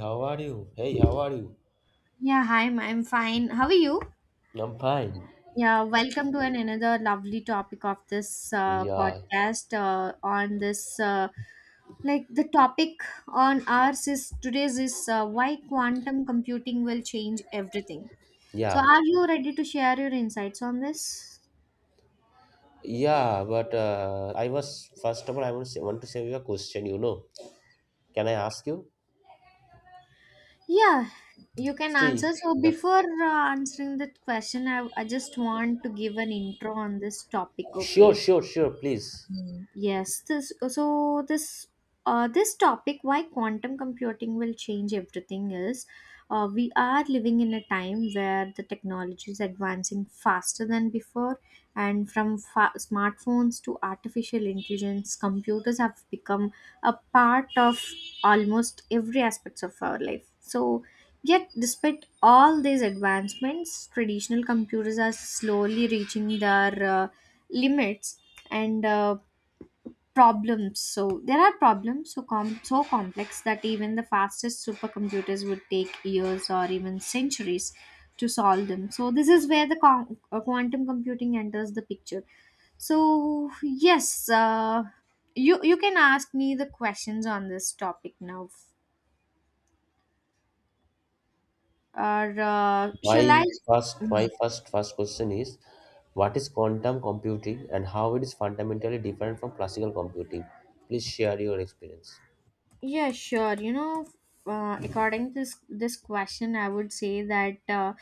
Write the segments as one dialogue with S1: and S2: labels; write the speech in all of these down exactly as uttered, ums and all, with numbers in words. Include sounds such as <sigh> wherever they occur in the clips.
S1: How are you? Hey, how are you?
S2: Yeah, hi, I'm I'm fine. How are you?
S1: I'm fine.
S2: Yeah, welcome to an, another lovely topic of this uh,
S1: Yeah,
S2: podcast uh, on this uh, like the topic on ours is today's is uh, why quantum computing will change everything. So
S1: yeah,
S2: are you ready to share your insights on this?
S1: yeah. But uh, I was first of all, I want to say, want to say you a question. You know, can I ask you?
S2: Yeah, you can answer.
S1: See,
S2: So
S1: the
S2: before uh, answering that question, I, I just want to give an intro on this topic,
S1: sure,
S2: okay?
S1: sure, sure. Please.
S2: Yes, this so this uh, this topic why quantum computing will change everything is, uh, we are living in a time where the technology is advancing faster than before, and from fa- smartphones to artificial intelligence, computers have become a part of almost every aspects of our life. So yet, despite all these advancements, traditional computers are slowly reaching their uh, limits. And uh, problems so There are problems so com- so complex that even the fastest supercomputers would take years or even centuries to solve them. So this is where the con- uh, quantum computing enters the picture. So yes, uh, you you can ask me the questions on this topic now, or uh,
S1: My
S2: shall I.
S1: first, my first, first question is, what is quantum computing and how it is fundamentally different from classical computing? Please share your experience.
S2: Yeah, sure. You know, uh, according to this this question, I would say that, uh,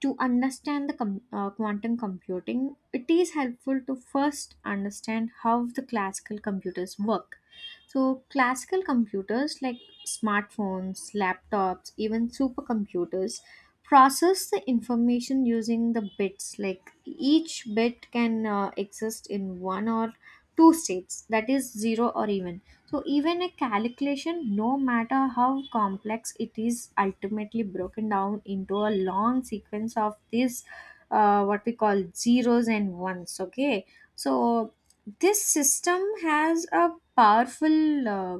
S2: to understand the com- uh, quantum computing, it is helpful to first understand how the classical computers work. So classical computers like smartphones, laptops, even supercomputers, process the information using the bits. Like each bit can uh, exist in one or two states, that is zero or even. So even a calculation, no matter how complex it is, ultimately broken down into a long sequence of this, uh, what we call zeros and ones. Okay, so this system has a powerful uh,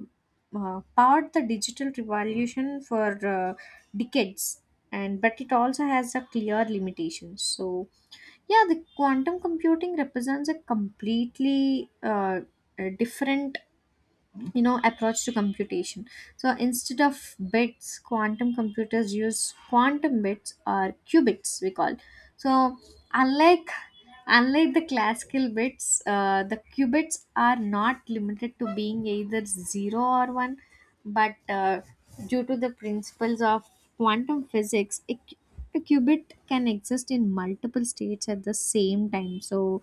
S2: uh, powered the digital revolution for uh, decades, and but it also has a clear limitations. So yeah, the quantum computing represents a completely uh, a different, you know, approach to computation. So instead of bits, quantum computers use quantum bits, or qubits we call. So unlike unlike the classical bits, uh, the qubits are not limited to being either zero or one, but uh, due to the principles of quantum physics, a, cu- a qubit can exist in multiple states at the same time. So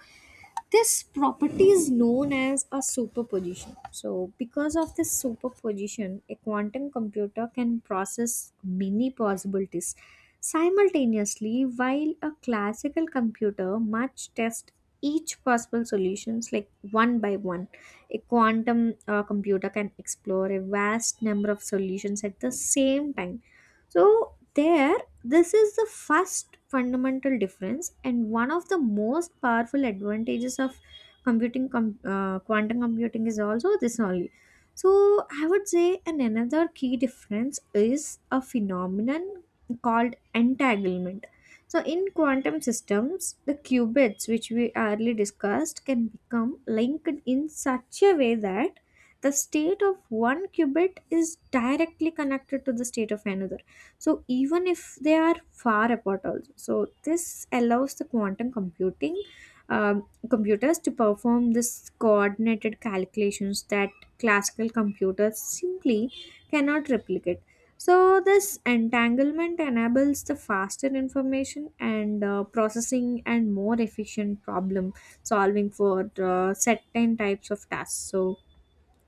S2: this property is known as a superposition. So because of this superposition, a quantum computer can process many possibilities simultaneously. While a classical computer must test each possible solutions like one by one, a quantum uh, computer can explore a vast number of solutions at the same time. So there this is the first fundamental difference, and one of the most powerful advantages of computing com- uh, quantum computing is also this only. So I would say, and another key difference is a phenomenon called entanglement. So in quantum systems, the qubits which we earlier discussed can become linked in such a way that the state of one qubit is directly connected to the state of another, so even if they are far apart also. So this allows the quantum computing um, computers to perform this coordinated calculations that classical computers simply cannot replicate. So this entanglement enables the faster information and, uh, processing and more efficient problem solving for uh, certain types of tasks. So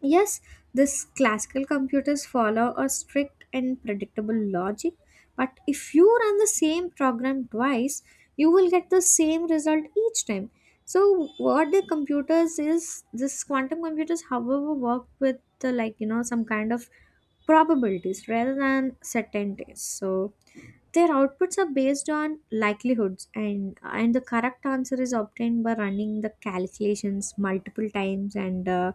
S2: yes, this classical computers follow a strict and predictable logic, but if you run the same program twice, you will get the same result each time. So what the computers is, this quantum computers, however, work with the, like, you know, some kind of probabilities rather than certainties. So their outputs are based on likelihoods, and and the correct answer is obtained by running the calculations multiple times and, uh,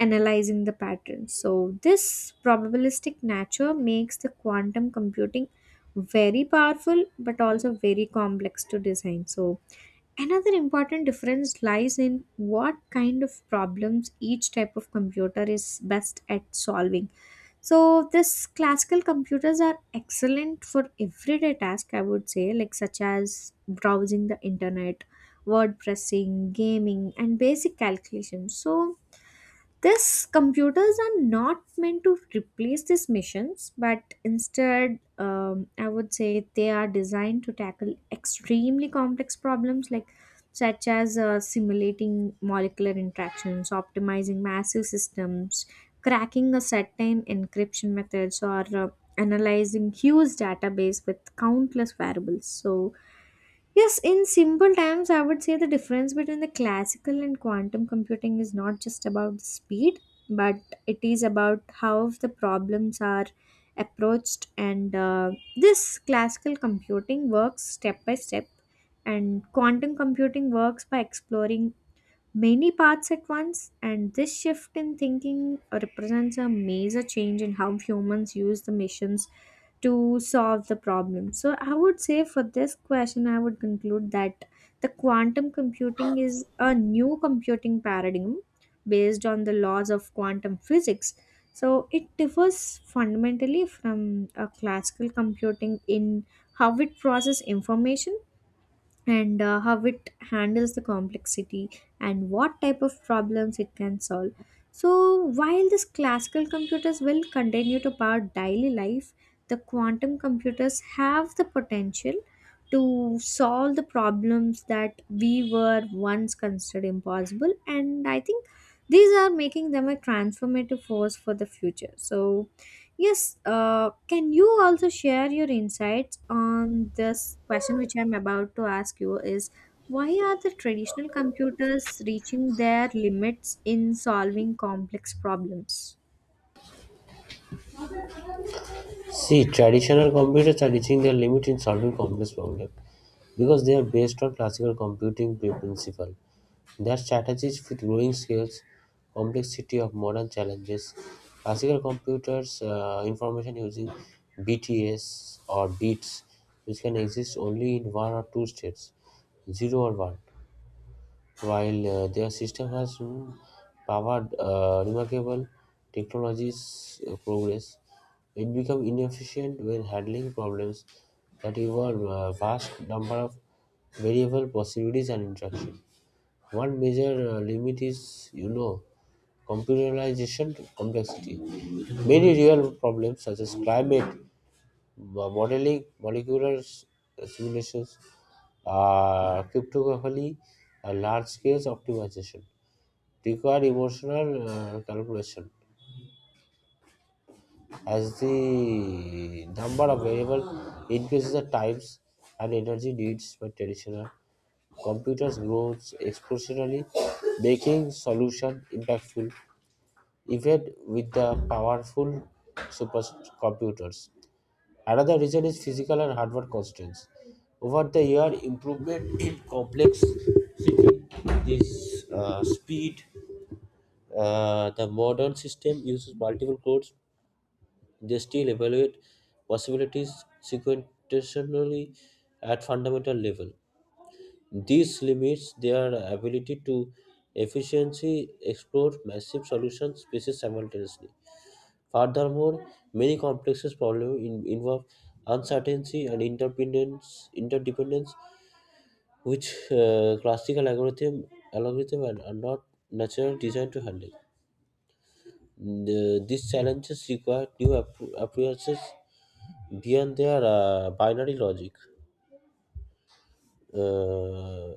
S2: analyzing the patterns. So this probabilistic nature makes the quantum computing very powerful, but also very complex to design. So another important difference lies in what kind of problems each type of computer is best at solving. So this classical computers are excellent for everyday tasks, I would say, like such as browsing the internet, word pressing, gaming, and basic calculations. So these computers are not meant to replace these missions, but instead, um, I would say they are designed to tackle extremely complex problems like, such as uh, simulating molecular interactions, optimizing massive systems, cracking a certain encryption methods, or uh, analyzing huge database with countless variables. So yes, in simple terms, I would say the difference between the classical and quantum computing is not just about the speed, but it is about how the problems are approached. And uh, this classical computing works step by step, and quantum computing works by exploring many paths at once, and this shift in thinking represents a major change in how humans use the missions to solve the problem. So I would say, for this question, I would conclude that the quantum computing is a new computing paradigm based on the laws of quantum physics. So it differs fundamentally from a classical computing in how it processes information, and uh, how it handles the complexity, and what type of problems it can solve. So while these classical computers will continue to power daily life, the quantum computers have the potential to solve the problems that we were once considered impossible. And I think these are making them a transformative force for the future. So yes, uh, can you also share your insights on this question which I'm about to ask you, is why are the traditional computers reaching their limits in solving complex problems?
S1: See, traditional computers are reaching their limit in solving complex problems because they are based on classical computing principle. Their strategies fit growing scales, complexity of modern challenges. Classical computers, uh, information using B T S or bits, which can exist only in one or two states, zero or one. While uh, their system has mm, powered uh, remarkable technologies uh, progress, it becomes inefficient when handling problems that involve a vast number of variable possibilities and interaction. One major uh, limit is, you know, computerization complexity. Many real problems such as climate mo- modeling, molecular s- simulations, uh, cryptography, uh, large scale optimization require emotional uh, calculation as the number of variables increases the times and energy needs by traditional computers grows exponentially, making solution impactful even with the powerful supercomputers. Another reason is physical and hardware constraints. Over the year, improvement in complexity, this uh, speed, uh, the modern system uses multiple cores. They still evaluate possibilities sequentially at fundamental level. This limits their ability to efficiently explore massive solution spaces simultaneously. Furthermore, many complexes problems in, involve uncertainty and interdependence, interdependence which uh, classical algorithm, algorithm are, are not naturally designed to handle. The- these challenges require new appro- approaches beyond their uh, binary logic. Uh,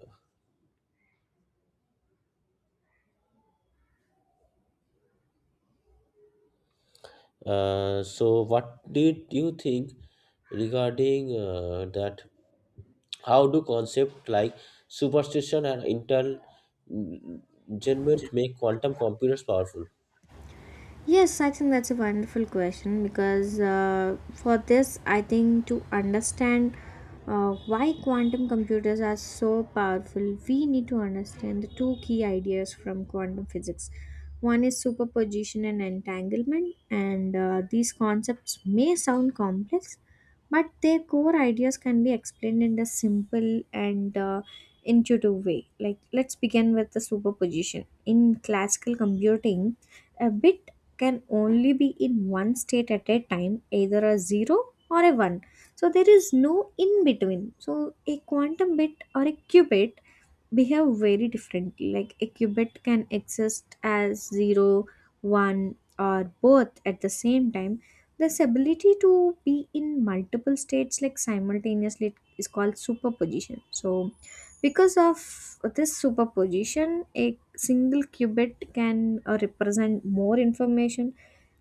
S1: uh, so, what did you think regarding uh, that? How do concepts like superstition and entanglement make quantum computers powerful?
S2: Yes, I think that's a wonderful question, because uh, for this, I think, to understand uh, why quantum computers are so powerful, we need to understand the two key ideas from quantum physics. One is superposition and entanglement, and uh, these concepts may sound complex, but their core ideas can be explained in a simple and uh, intuitive way. Like, let's begin with the superposition. In classical computing, a bit can only be in one state at a time, either a zero or a one. So there is no in between. So a quantum bit, or a qubit, behave very differently. Like, a qubit can exist as zero, one, or both at the same time. This ability to be in multiple states like simultaneously is called superposition. So because of this superposition, a single qubit can uh, represent more information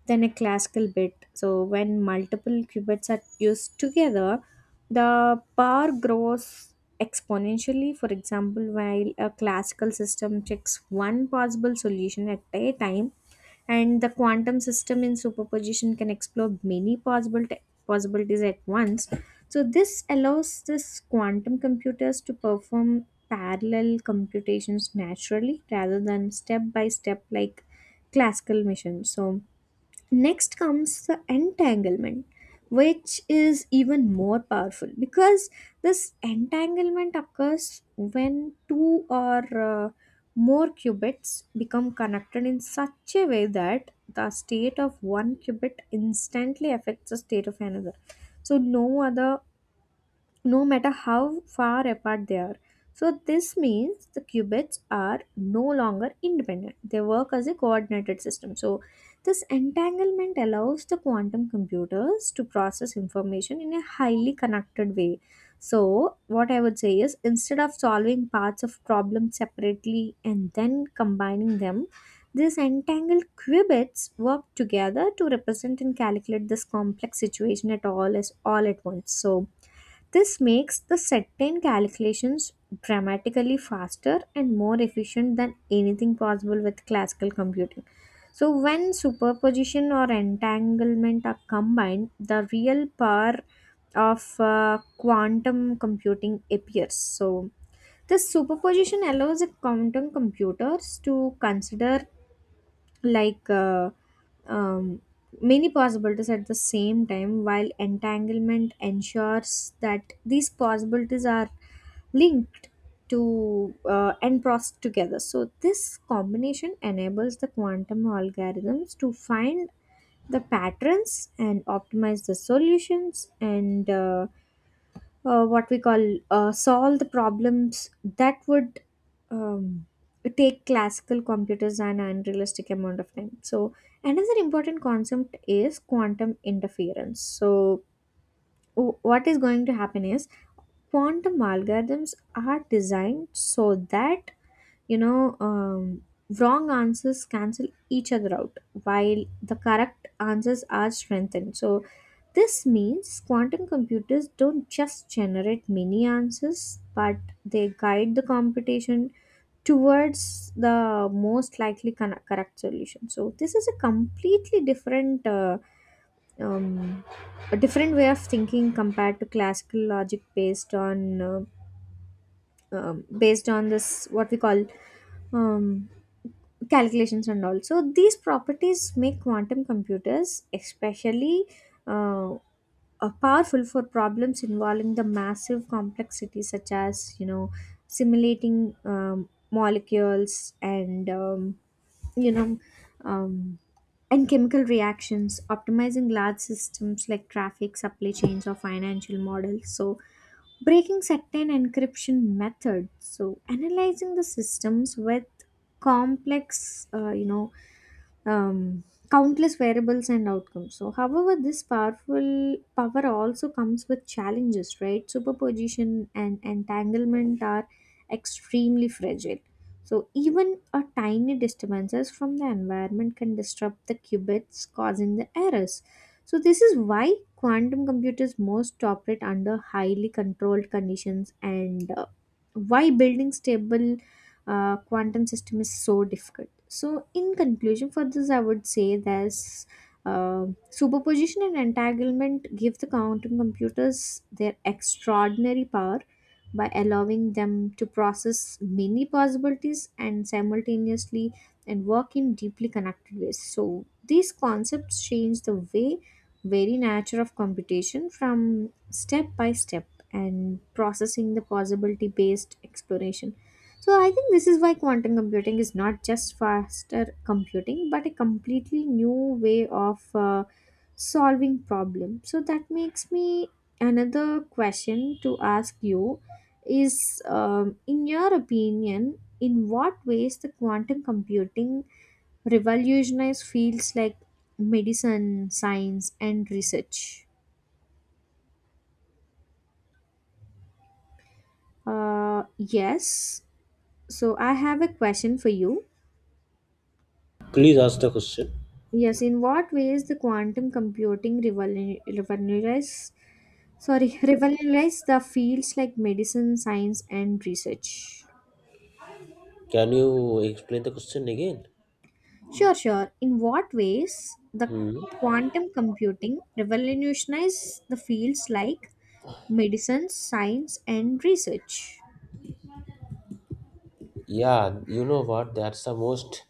S2: than a classical bit. So when multiple qubits are used together, the power grows exponentially. For example, while a classical system checks one possible solution at a time, and the quantum system in superposition can explore many possible te- possibilities at once. So this allows this quantum computers to perform parallel computations naturally, rather than step by step like classical machines. So next comes the entanglement, which is even more powerful, because this entanglement occurs when two or, uh, more qubits become connected in such a way that the state of one qubit instantly affects the state of another. So no other no matter how far apart they are. So this means the qubits are no longer independent. They work as a coordinated system. So this entanglement allows the quantum computers to process information in a highly connected way. So what I would say is, instead of solving parts of problems separately and then combining them, these entangled qubits work together to represent and calculate this complex situation at all as all at once. So this makes the certain calculations dramatically faster and more efficient than anything possible with classical computing. So when superposition or entanglement are combined, the real power of uh, quantum computing appears. So this superposition allows a quantum computers to consider, like, uh, um, many possibilities at the same time, while entanglement ensures that these possibilities are linked to, uh, and processed together. So this combination enables the quantum algorithms to find the patterns and optimize the solutions, and uh, uh, what we call, uh, solve the problems that would, um, take classical computers an unrealistic amount of time. So another important concept is quantum interference. So w- what is going to happen is, quantum algorithms are designed so that, you know um, wrong answers cancel each other out, while the correct answers are strengthened. So this means quantum computers don't just generate many answers, but they guide the computation towards the most likely con- correct solution. So this is a completely different, uh, um, a different way of thinking compared to classical logic based on, uh, um, based on this what we call, um, calculations and all. So these properties make quantum computers especially uh, uh, powerful for problems involving the massive complexity, such as, you know, simulating um, molecules and, um, you know um, and chemical reactions, optimizing large systems like traffic, supply chains, or financial models. So breaking certain encryption methods. So analyzing the systems with complex, uh, you know um, countless variables and outcomes. So however, this powerful power also comes with challenges, right? Superposition and entanglement are extremely fragile. So, even a tiny disturbances from the environment can disrupt the qubits, causing the errors. So, this is why quantum computers most operate under highly controlled conditions and uh, why building stable uh, quantum system is so difficult. So, in conclusion, for this, I would say that uh, superposition and entanglement give the quantum computers their extraordinary power by allowing them to process many possibilities and simultaneously and work in deeply connected ways. So these concepts change the way very nature of computation from step by step and processing the possibility based exploration. So I think this is why quantum computing is not just faster computing, but a completely new way of uh, solving problem. So that makes me another question to ask you is um, in your opinion, in what ways the quantum computing revolutionized fields like medicine, science, and research uh, yes so I have a question for you.
S1: Please ask the question.
S2: Yes, in what ways the quantum computing revolu- revolutionized, sorry, <laughs> revolutionized the fields like medicine, science, and research?
S1: Can you explain the question again?
S2: Sure, sure. In what ways the
S1: Hmm.
S2: quantum computing revolutionized the fields like medicine, science, and research?
S1: Yeah, you know what? That's the most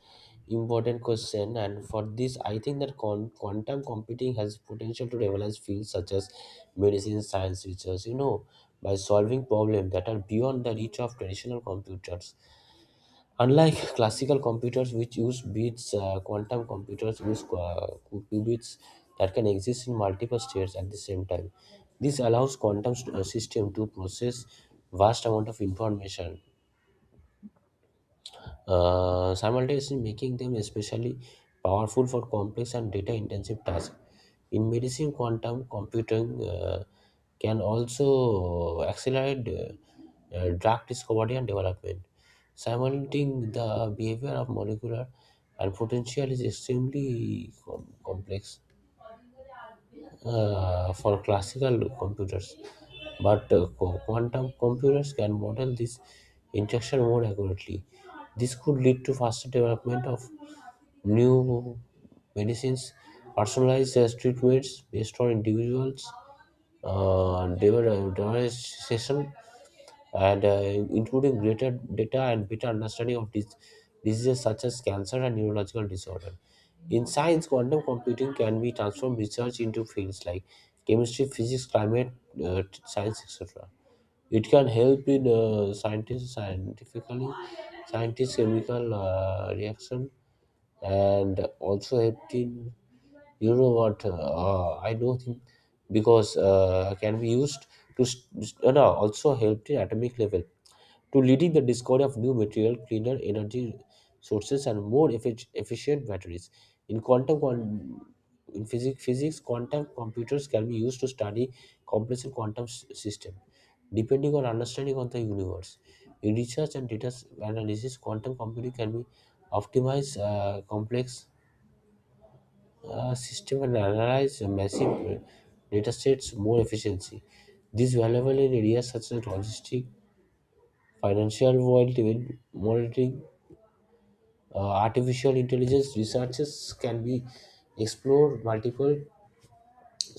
S1: important question, and for this, I think that con- quantum computing has potential to revolutionize fields such as medicine, science, research. You know, by solving problems that are beyond the reach of traditional computers. Unlike classical computers which use bits, uh, quantum computers use qua- qubits that can exist in multiple states at the same time. This allows quantum st- uh, system to process vast amount of information uh, simultaneously, making them especially powerful for complex and data intensive tasks. In medicine, quantum computing uh, can also accelerate uh, uh, drug discovery and development. Simulating the behavior of molecular and potential is extremely com- complex uh, for classical computers, but uh, qu- quantum computers can model this interaction more accurately. This could lead to faster development of new medicines, personalized uh, treatments based on individuals' uh, development session, and uh, including greater data and better understanding of dis- diseases such as cancer and neurological disorder. In science, quantum computing can be transformed research into fields like chemistry, physics, climate uh, t- science, et cetera. It can help in uh, scientists scientifically, scientists chemical uh, reaction, and also I think you know what uh, I know him because uh, can be used to st- uh, no, no, also helped in atomic level to leading the discovery of new material, cleaner energy sources, and more effic- efficient batteries. In quantum quan- in physics, physics, quantum computers can be used to study complex quantum s- system. Depending on understanding of the universe, in research and data analysis, quantum computing can be optimize uh, complex uh, system and analyze massive uh, data sets more efficiency. This valuable in areas such as logistics, financial world event monitoring, uh, artificial intelligence researches can be explored multiple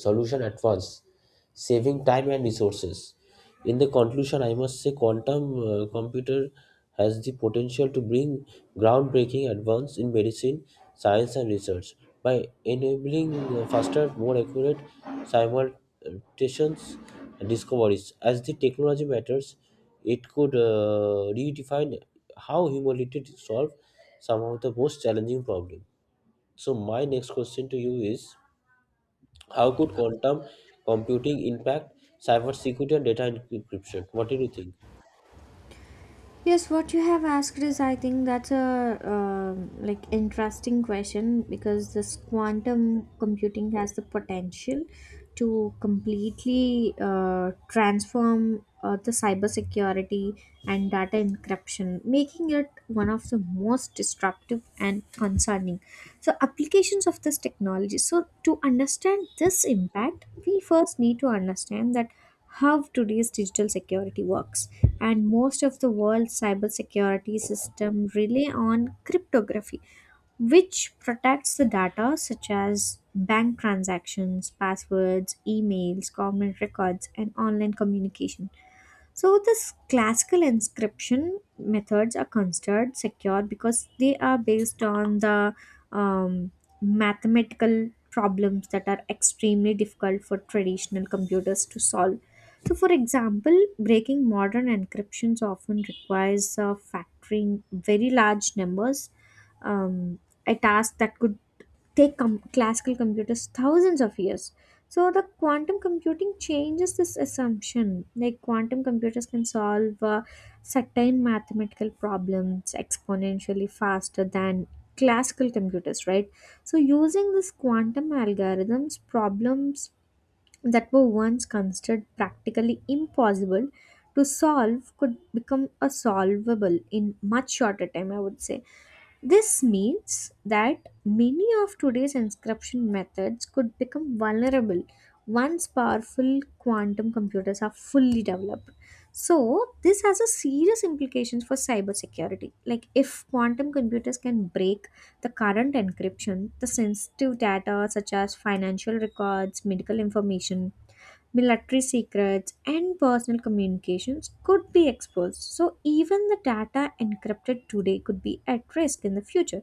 S1: solution at once, saving time and resources. In the conclusion, I must say quantum uh, computer has the potential to bring groundbreaking advance in medicine, science, and research by enabling uh, faster, more accurate simultaneous discoveries. As the technology matters, it could uh, redefine how humanity solves some of the most challenging problems. So, my next question to you is how could quantum computing impact cybersecurity and data encryption? What did you think?
S2: Yes, what you have asked is, I think that's a um like interesting question because this quantum computing has the potential to completely uh, transform uh, the cybersecurity and data encryption, making it one of the most disruptive and concerning. So, applications of this technology. So, to understand this impact, we first need to understand that how today's digital security works, and most of the world's cybersecurity system rely on cryptography, which protects the data such as bank transactions, passwords, emails, government records, and online communication. So this classical inscription methods are considered secure because they are based on the um, mathematical problems that are extremely difficult for traditional computers to solve. So, for example, breaking modern encryptions often requires uh, factoring very large numbers, um, a task that could take com- classical computers thousands of years. So the quantum computing changes this assumption. Like quantum computers can solve uh, certain mathematical problems exponentially faster than classical computers, right? So using this quantum algorithms, problems that were once considered practically impossible to solve could become a solvable in much shorter time, I would say. This means that many of today's encryption methods could become vulnerable once powerful quantum computers are fully developed. So, this has a serious implications for cybersecurity. Like if quantum computers can break the current encryption, the sensitive data such as financial records, medical information, military secrets, and personal communications could be exposed. So, even the data encrypted today could be at risk in the future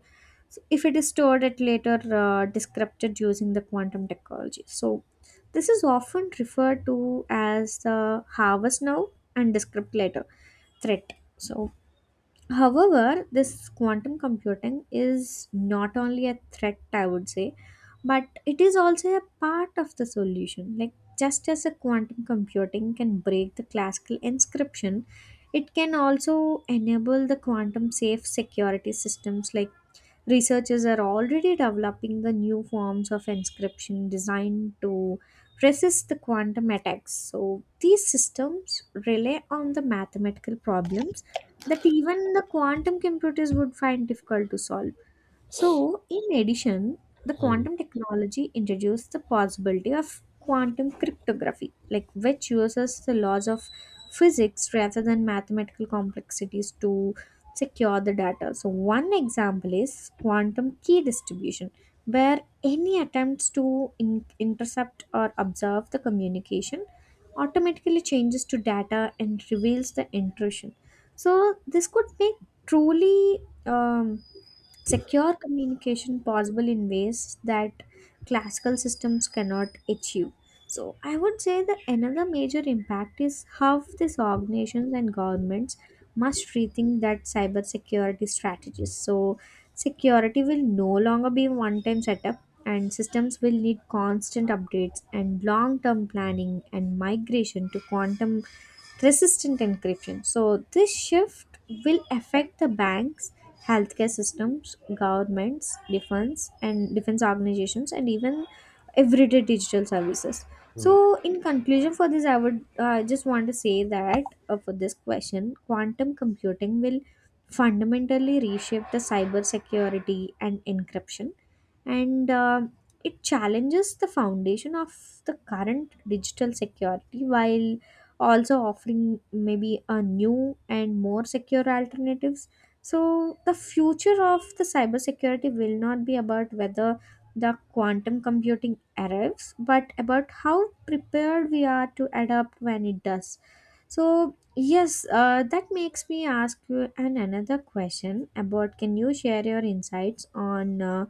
S2: so if it is stored at later uh, decrypted using the quantum technology. So, this is often referred to as the harvest now and decrypt later threat. So, however, this quantum computing is not only a threat, I would say, but it is also a part of the solution. Like, just as a quantum computing can break the classical inscription, it can also enable the quantum safe security systems. Like researchers are already developing the new forms of inscription designed to resist the quantum attacks. So these systems rely on the mathematical problems that even the quantum computers would find difficult to solve. So, in addition, the quantum technology introduced the possibility of quantum cryptography, like which uses the laws of physics rather than mathematical complexities to secure the data. So, one example is quantum key distribution, where any attempts to in- intercept or observe the communication automatically changes to data and reveals the intrusion. So, this could make truly um, secure communication possible in ways that classical systems cannot achieve. So, I would say that another major impact is how these organizations and governments must rethink that cybersecurity strategies. So, security will no longer be one time setup, and systems will need constant updates and long term planning and migration to quantum resistant encryption. So, this shift will affect the banks, healthcare systems, governments, defense, and defense organizations, and even everyday digital services. So, in conclusion, for this, I would uh, just want to say that uh, for this question, quantum computing will fundamentally reshape the cyber security and encryption, and uh, it challenges the foundation of the current digital security while also offering maybe a new and more secure alternatives. So the future of the cybersecurity will not be about whether the quantum computing arrives, but about how prepared we are to adapt when it does. So yes, uh, that makes me ask you an another question about, can you share your insights on uh,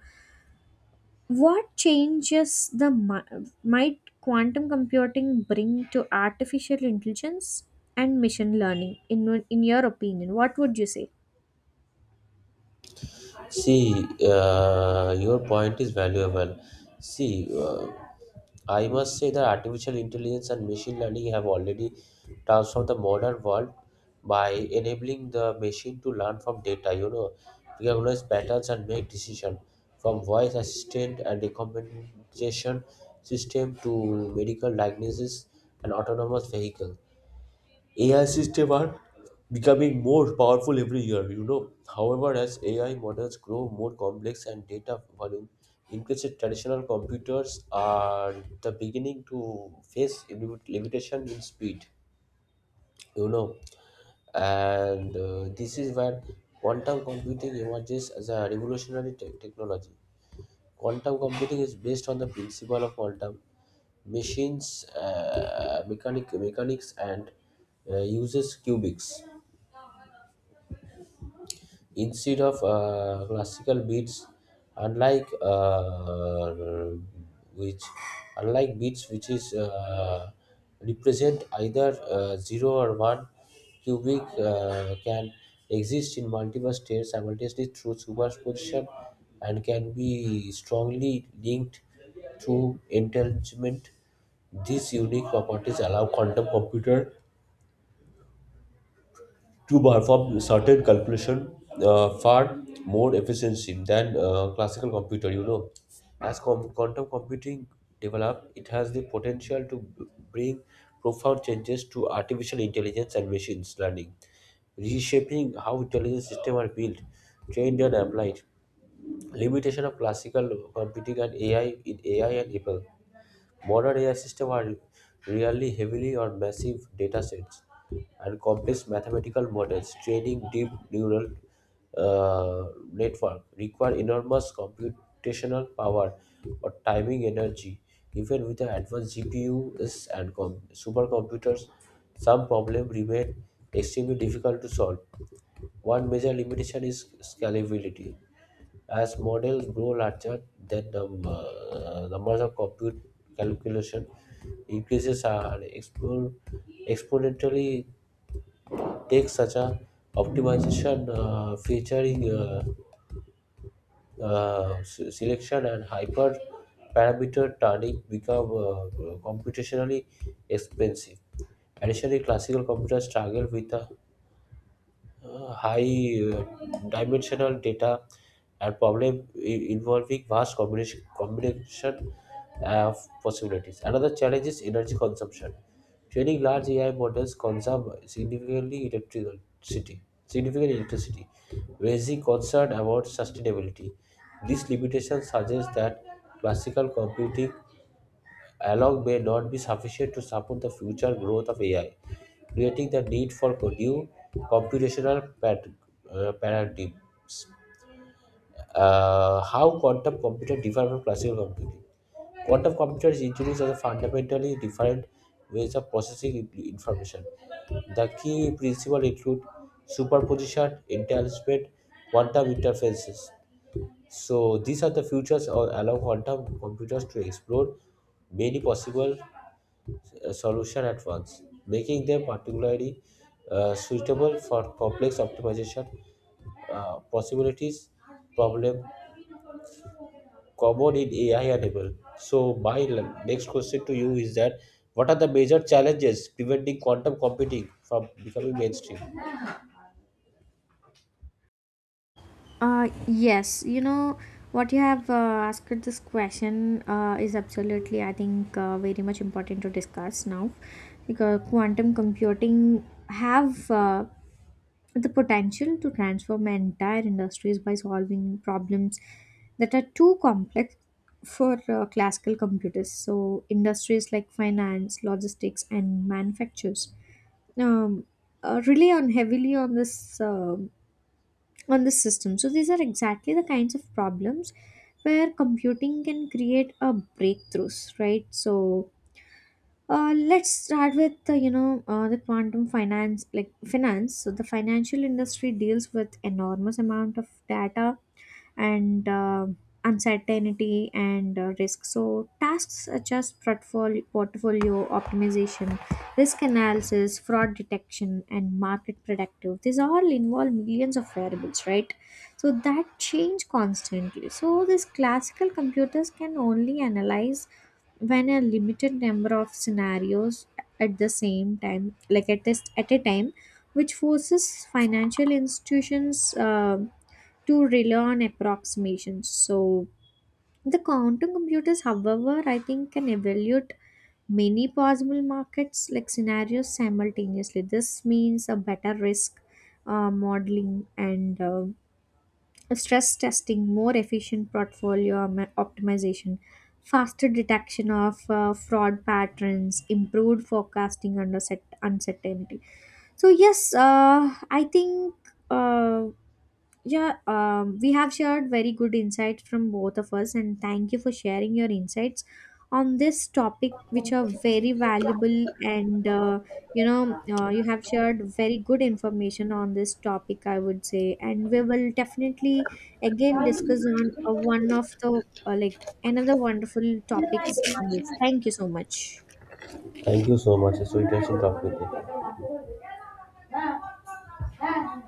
S2: what changes the mi- might quantum computing bring to artificial intelligence and machine learning? In in your opinion, what would you say?
S1: See, uh, your point is valuable. See, uh, I must say that artificial intelligence and machine learning have already transformed the modern world by enabling the machine to learn from data, you know, recognize patterns and make decisions from voice assistant and recommendation system to medical diagnosis and autonomous vehicle. A I systems are becoming more powerful every year, you know. However, as A I models grow more complex and data volume increases, traditional computers are the beginning to face limit- limitation in speed, you know. And uh, this is where quantum computing emerges as a revolutionary te- technology. Quantum computing is based on the principle of quantum machines, uh, mechanic, mechanics, and uh, uses qubits instead of uh, classical beats, unlike uh, which unlike beats which is uh, represent either uh, zero or one cubic uh, can exist in multiple states simultaneously through superposition, and can be strongly linked through entanglement. These unique properties allow quantum computer to perform certain calculation uh, far more efficiency than uh, classical computer, you know. As com- quantum computing developed, it has the potential to b- bring profound changes to artificial intelligence and machines learning, reshaping how intelligent systems are built, trained, and applied. Limitation of classical computing and ai in ai and apple. Modern A I systems are really heavily on massive data sets and complex mathematical models. Training deep neural uh, network require enormous computational power or timing energy. Even with the advanced G P Us and com- supercomputers, some problems remain extremely difficult to solve. One major limitation is scalability. As models grow larger, then the uh, numbers of compute calculation increases are expo- exponentially take such a optimization uh, featuring uh, uh, se- selection and hyper parameter turning become uh, computationally expensive. Additionally, classical computers struggle with a uh, high uh, dimensional data and problem i- involving vast combination, combination of possibilities. Another challenge is energy consumption. Training large A I models consume significantly electricity, significant electricity, raising concern about sustainability. These limitations suggest that classical computing alone may not be sufficient to support the future growth of A I, creating the need for new computational pad- uh, paradigms. Uh, how quantum computer differ from classical computing? Quantum computer is introduced as a fundamentally different ways of processing in- information. The key principles include superposition, entanglement, quantum interferences. So these are the futures or allow quantum computers to explore many possible uh, solution at once, making them particularly uh, suitable for complex optimization uh, possibilities problem common in A I enable. So my l- next question to you is that what are the major challenges preventing quantum computing from becoming mainstream?
S2: Uh, yes, you know what you have uh, asked this question uh, is absolutely, I think, uh, very much important to discuss now because quantum computing have uh, the potential to transform entire industries by solving problems that are too complex for uh, classical computers. So, industries like finance, logistics, and manufactures, um, uh, rely on heavily on this um on this system. So, these are exactly the kinds of problems where computing can create a breakthroughs, right? So, uh, let's start with uh, you know uh, the quantum finance, like finance. So the financial industry deals with enormous amount of data and uh, uncertainty and uh, risk. So tasks such as portfolio, portfolio optimization, risk analysis, fraud detection, and market predictive, these all involve millions of variables, right? So that change constantly. So these classical computers can only analyze when a limited number of scenarios at the same time, like at this at a time, which forces financial institutions uh, to rely on approximations. So the quantum computers, however, I think can evaluate many possible markets like scenarios simultaneously. This means a better risk uh, modeling and uh, stress testing, more efficient portfolio om- optimization, faster detection of uh, fraud patterns, improved forecasting under set- uncertainty. So, yes, uh, I think. um yeah, um, we have shared very good insights from both of us, and thank you for sharing your insights on this topic, which are very valuable. And uh, you know, uh, you have shared very good information on this topic, I would say. And we will definitely again discuss on uh, one of the uh, like another wonderful topics on this. Thank you so much.
S1: Thank you so much. It's so interesting talking with you.